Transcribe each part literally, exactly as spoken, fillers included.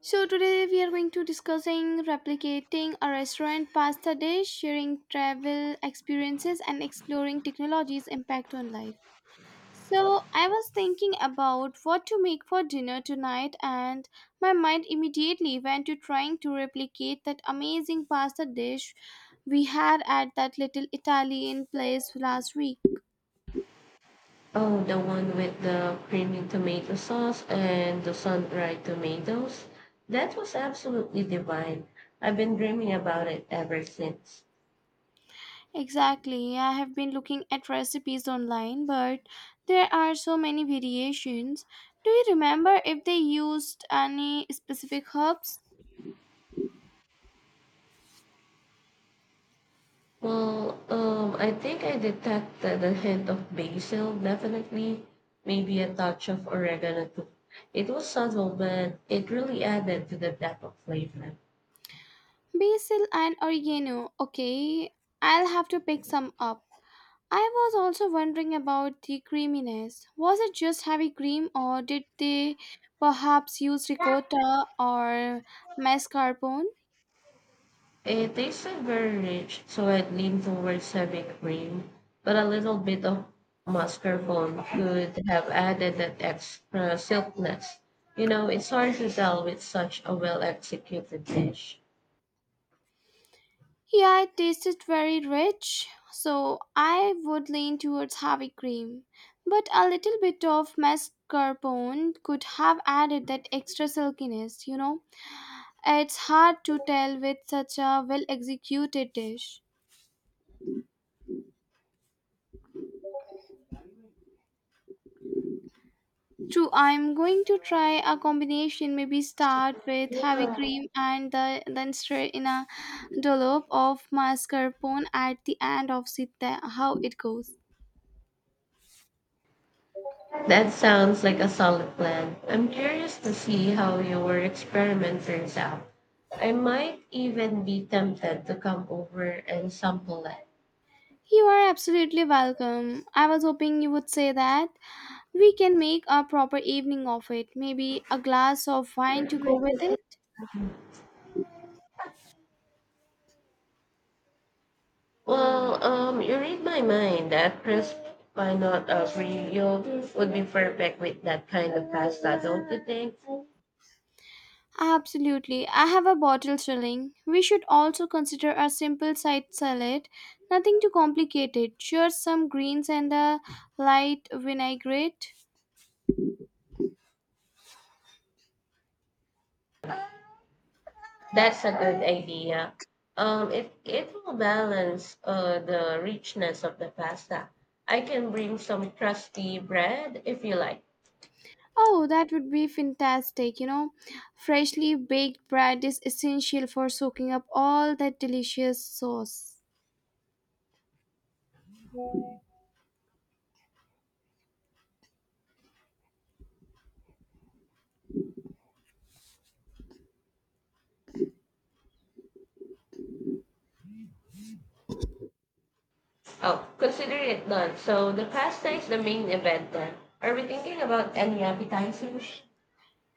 So today we are going to discussing replicating a restaurant pasta dish, sharing travel experiences and exploring technology's impact on life. So I was thinking about what to make for dinner tonight, and my mind immediately went to trying to replicate that amazing pasta dish we had at that little Italian place last week. Oh, the one with the creamy tomato sauce and the sun-dried tomatoes. That was absolutely divine. I've been dreaming about it ever since. Exactly. I have been looking at recipes online, but there are so many variations. Do you remember if they used any specific herbs? Well, um, I think I detected a hint of basil, definitely. Maybe a touch of oregano too. It was subtle, but it really added to the depth of flavor. Basil and oregano. Okay, I'll have to pick some up. I was also wondering about the creaminess. Was it just heavy cream, or did they perhaps use ricotta or mascarpone? It isn't very rich, so I'd lean towards heavy cream, but a little bit of mascarpone could have added that extra silkiness. You know, it's hard to tell with such a well executed dish. Yeah, it tasted very rich, so I would lean towards heavy cream. But a little bit of mascarpone could have added that extra silkiness, you know? It's hard to tell with such a well executed dish. True, I'm going to try a combination, maybe start with heavy cream and the, then straight in a dollop of mascarpone at the end of it, how it goes. That sounds like a solid plan. I'm curious to see how your experiment turns out. I might even be tempted to come over and sample it. You are absolutely welcome. I was hoping you would say that. We can make a proper evening of it. Maybe a glass of wine to go with it? Well, um, you read my mind. That crisp not of Rio would be perfect with that kind of pasta, don't you think? Absolutely. I have a bottle chilling. We should also consider a simple side salad. Nothing too complicated. Just some greens and a light vinaigrette. That's a good idea. Um, it it will balance uh, the richness of the pasta. I can bring some crusty bread if you like. Oh, that would be fantastic. You know, freshly baked bread is essential for soaking up all that delicious sauce. Oh, consider it done. So the pasta is the main event then. Are we thinking about any appetizers?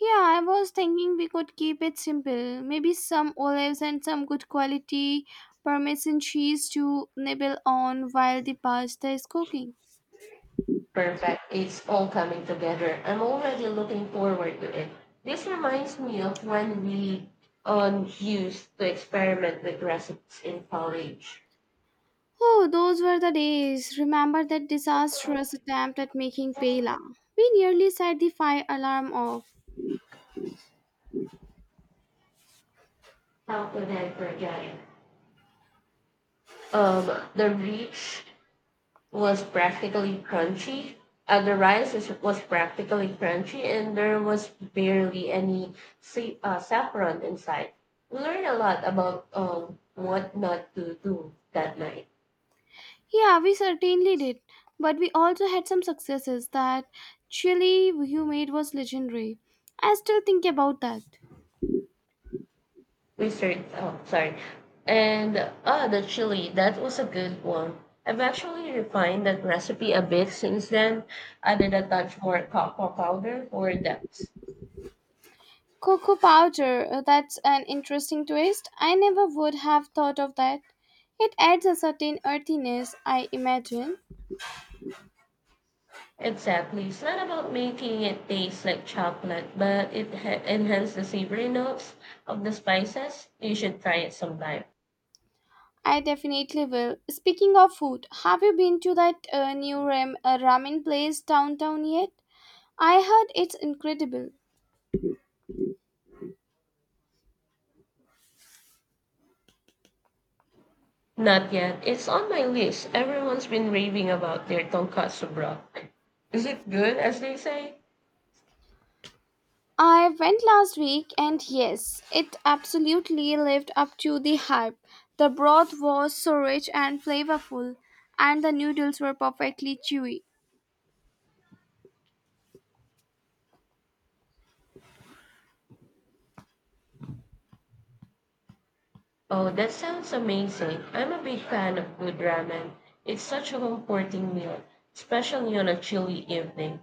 Yeah, I was thinking we could keep it simple. Maybe some olives and some good quality parmesan cheese to nibble on while the pasta is cooking. Perfect. It's all coming together. I'm already looking forward to it. This reminds me of when we um, used to experiment with recipes in college. Oh, those were the days. Remember that disastrous attempt at making paella? We nearly set the fire alarm off. How could I forget it? Um, the rich was practically crunchy. Uh, the rice is, was practically crunchy, and there was barely any sa- uh, saffron inside. We learned a lot about um, what not to do that night. Yeah, we certainly did. But we also had some successes. That chili you made was legendary. I still think about that. Research. Oh, sorry. And ah, the chili. That was a good one. I've actually refined that recipe a bit since then. Added a touch more cocoa powder for depth. Cocoa powder, uh, that's an interesting twist. I never would have thought of that. It adds a certain earthiness, I imagine. Exactly. It's not about making it taste like chocolate, but it ha- enhances the savory notes of the spices. You should try it sometime. I definitely will. Speaking of food, have you been to that uh, new ram- uh, ramen place downtown yet? I heard it's incredible. Not yet. It's on my list. Everyone's been raving about their tonkatsu broth. Is it good, as they say? I went last week, and yes, it absolutely lived up to the hype. The broth was so rich and flavorful, and the noodles were perfectly chewy. Oh, that sounds amazing. I'm a big fan of good ramen. It's such a comforting meal, especially on a chilly evening.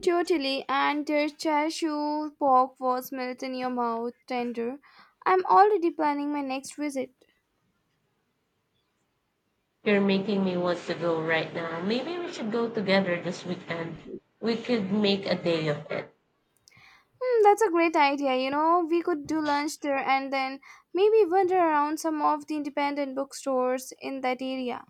Totally, and their chashu pork was melt in your mouth, tender. I'm already planning my next visit. You're making me want to go right now. Maybe we should go together this weekend. We could make a day of it. Hmm, that's a great idea. You know, we could do lunch there and then maybe wander around some of the independent bookstores in that area.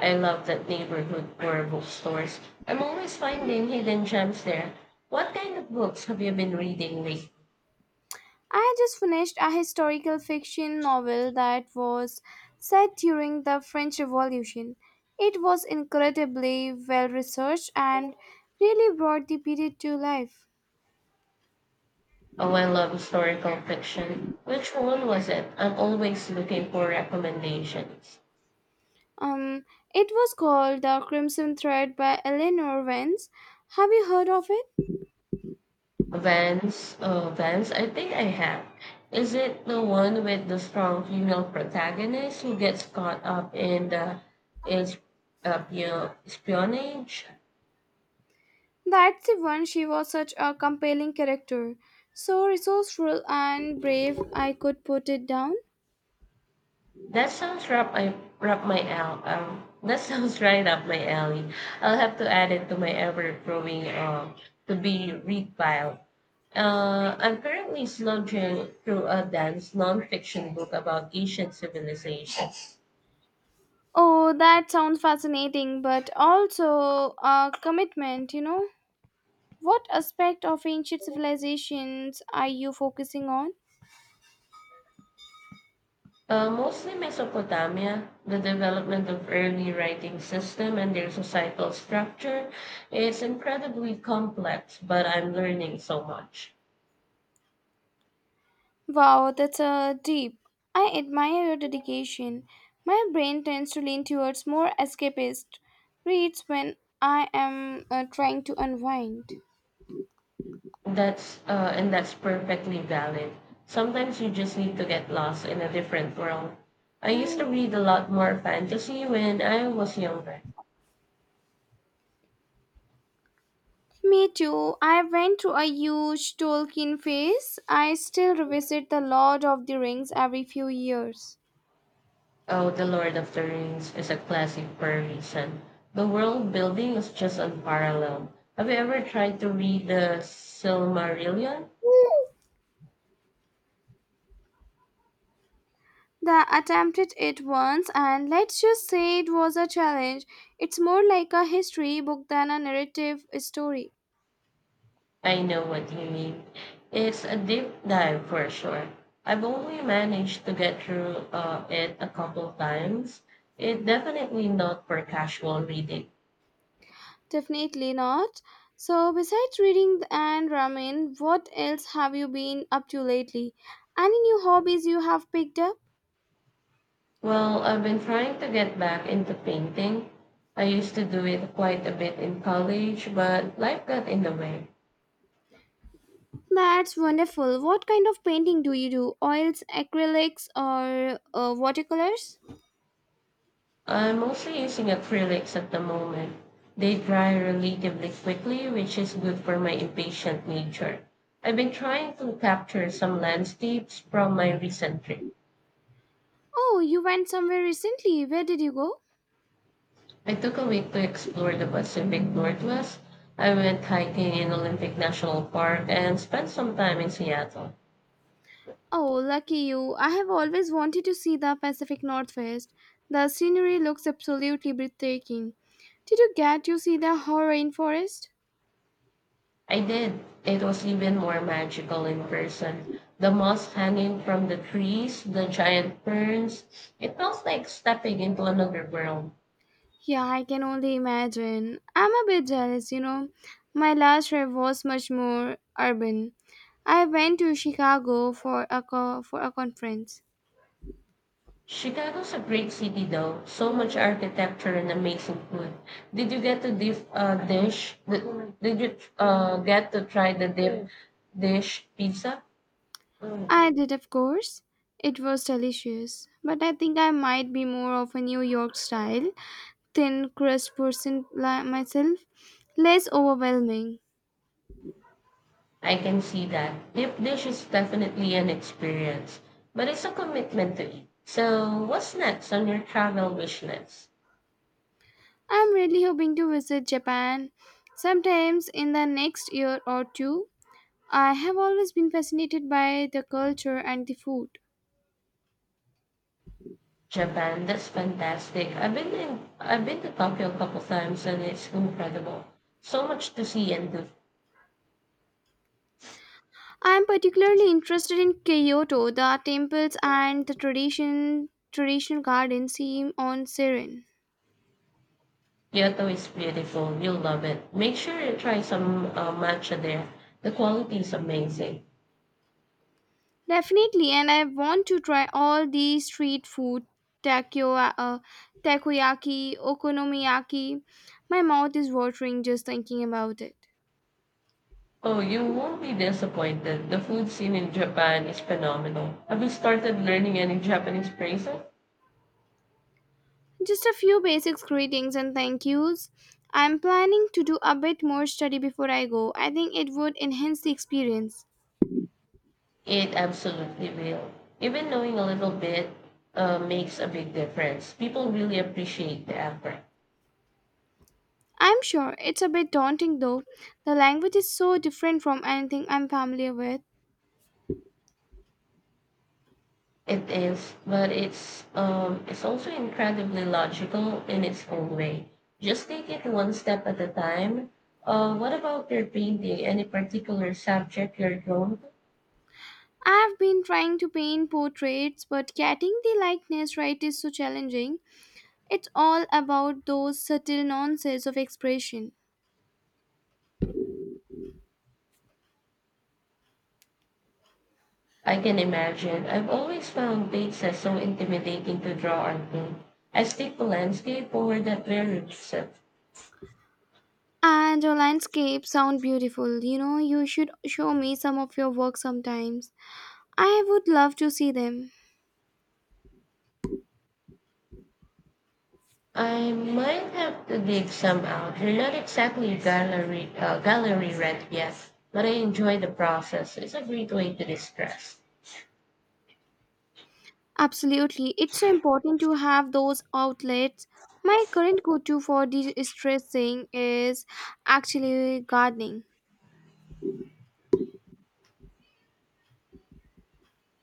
I love that neighborhood for bookstores. I'm always finding hidden gems there. What kind of books have you been reading lately? I had just finished a historical fiction novel that was set during the French Revolution. It was incredibly well researched and really brought the period to life. Oh, I love historical fiction. Which one was it? I'm always looking for recommendations. Um, it was called The Crimson Thread by Eleanor Vance. Have you heard of it? Vance, uh, Vance, I think I have. Is it the one with the strong female protagonist who gets caught up in the is uh, pio- espionage? That's the one. She was such a compelling character. So resourceful and brave, I could put it down. That sounds up I wrap my al- um, that sounds right up my alley. I'll have to add it to my ever growing um to be read pile. Uh, I'm currently slogging through a dense nonfiction book about ancient civilization. Oh, that sounds fascinating, but also a commitment, you know? What aspect of ancient civilizations are you focusing on? Uh, mostly Mesopotamia, the development of early writing system and their societal structure is incredibly complex, but I'm learning so much. Wow, that's uh, deep. I admire your dedication. My brain tends to lean towards more escapist reads when I am uh, trying to unwind. That's uh, and that's perfectly valid. Sometimes you just need to get lost in a different world. I used to read a lot more fantasy when I was younger. Me too. I went through a huge Tolkien phase. I still revisit The Lord of the Rings every few years. Oh, The Lord of the Rings is a classic for a reason. The world building is just unparalleled. Have you ever tried to read the Silmarillion? The attempted it once, and let's just say it was a challenge. It's more like a history book than a narrative story. I know what you mean. It's a deep dive for sure. I've only managed to get through uh, it a couple times. It's definitely not for casual reading. Definitely not. So, besides reading and ramen, what else have you been up to lately? Any new hobbies you have picked up? Well, I've been trying to get back into painting. I used to do it quite a bit in college, but life got in the way. That's wonderful. What kind of painting do you do? Oils, acrylics, or uh, watercolors? I'm mostly using acrylics at the moment. They dry relatively quickly, which is good for my impatient nature. I've been trying to capture some landscapes from my recent trip. Oh, you went somewhere recently. Where did you go? I took a week to explore the Pacific Northwest. I went hiking in Olympic National Park and spent some time in Seattle. Oh, lucky you. I have always wanted to see the Pacific Northwest. The scenery looks absolutely breathtaking. Did you get to see the whole rainforest? I did. It was even more magical in person. The moss hanging from the trees, the giant ferns. It felt like stepping into another world. Yeah, I can only imagine. I'm a bit jealous, you know. My last trip was much more urban. I went to Chicago for a co- for a conference. Chicago's a great city though. So much architecture and amazing food. Did you get to dip uh, dish? Did, did you uh, get to try the dip dish pizza? I did, of course. It was delicious, but I think I might be more of a New York style, thin crust person like myself, less overwhelming. I can see that. Dip dish is definitely an experience, but it's a commitment to eat. So, what's next on your travel wish list? I'm really hoping to visit Japan sometimes in the next year or two. I have always been fascinated by the culture and the food. Japan, that's fantastic. I've been in, I've been to Tokyo a couple times and it's incredible. So much to see and do. I am particularly interested in Kyoto. The temples and the tradition traditional gardens seem on serene. Kyoto is beautiful. You'll love it. Make sure you try some uh, matcha there. The quality is amazing. Definitely, and I want to try all the street food, takyo, uh, takoyaki, okonomiyaki. My mouth is watering just thinking about it. Oh, you won't be disappointed. The food scene in Japan is phenomenal. Have you started learning any Japanese phrases? Just a few basic greetings and thank yous. I'm planning to do a bit more study before I go. I think it would enhance the experience. It absolutely will. Even knowing a little bit uh, makes a big difference. People really appreciate the effort. I'm sure it's a bit daunting though. The language is so different from anything I'm familiar with. It is, but it's um it's also incredibly logical in its own way. Just take it one step at a time. Uh, what about your painting? Any particular subject you're drawn to? I've been trying to paint portraits, but getting the likeness right is so challenging. It's all about those subtle nuances of expression. I can imagine. I've always found dates as so intimidating to draw onto. I stick to landscape over that very set. And your landscapes sound beautiful. You know, you should show me some of your work sometimes. I would love to see them. I might have to dig some out. You're not exactly gallery uh, gallery red yet, but I enjoy the process. It's a great way to distress. Absolutely. It's so important to have those outlets. My current go to for de stressing is actually gardening.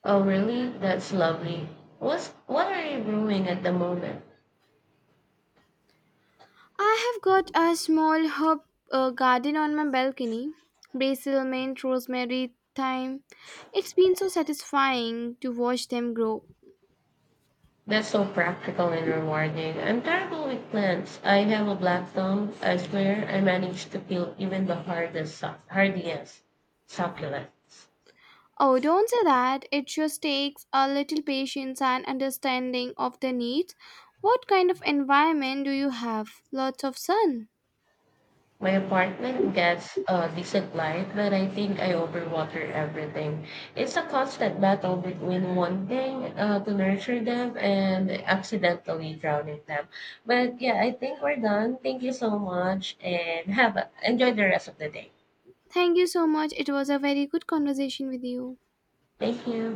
Oh, really? That's lovely. What's, what are you brewing at the moment? I have got a small herb uh, garden on my balcony: basil, mint, rosemary, thyme. It's been so satisfying to watch them grow. That's so practical and rewarding. I'm terrible with plants. I have a black thumb. I swear I managed to kill even the hardest, suc- hardiest succulents. Oh, don't say that. It just takes a little patience and understanding of the needs. What kind of environment do you have? Lots of sun. My apartment gets a decent light, but I think I overwater everything. It's a constant battle between wanting uh, to nurture them and accidentally drowning them. But yeah, I think we're done. Thank you so much, and have a, enjoy the rest of the day. Thank you so much. It was a very good conversation with you. Thank you. Bye.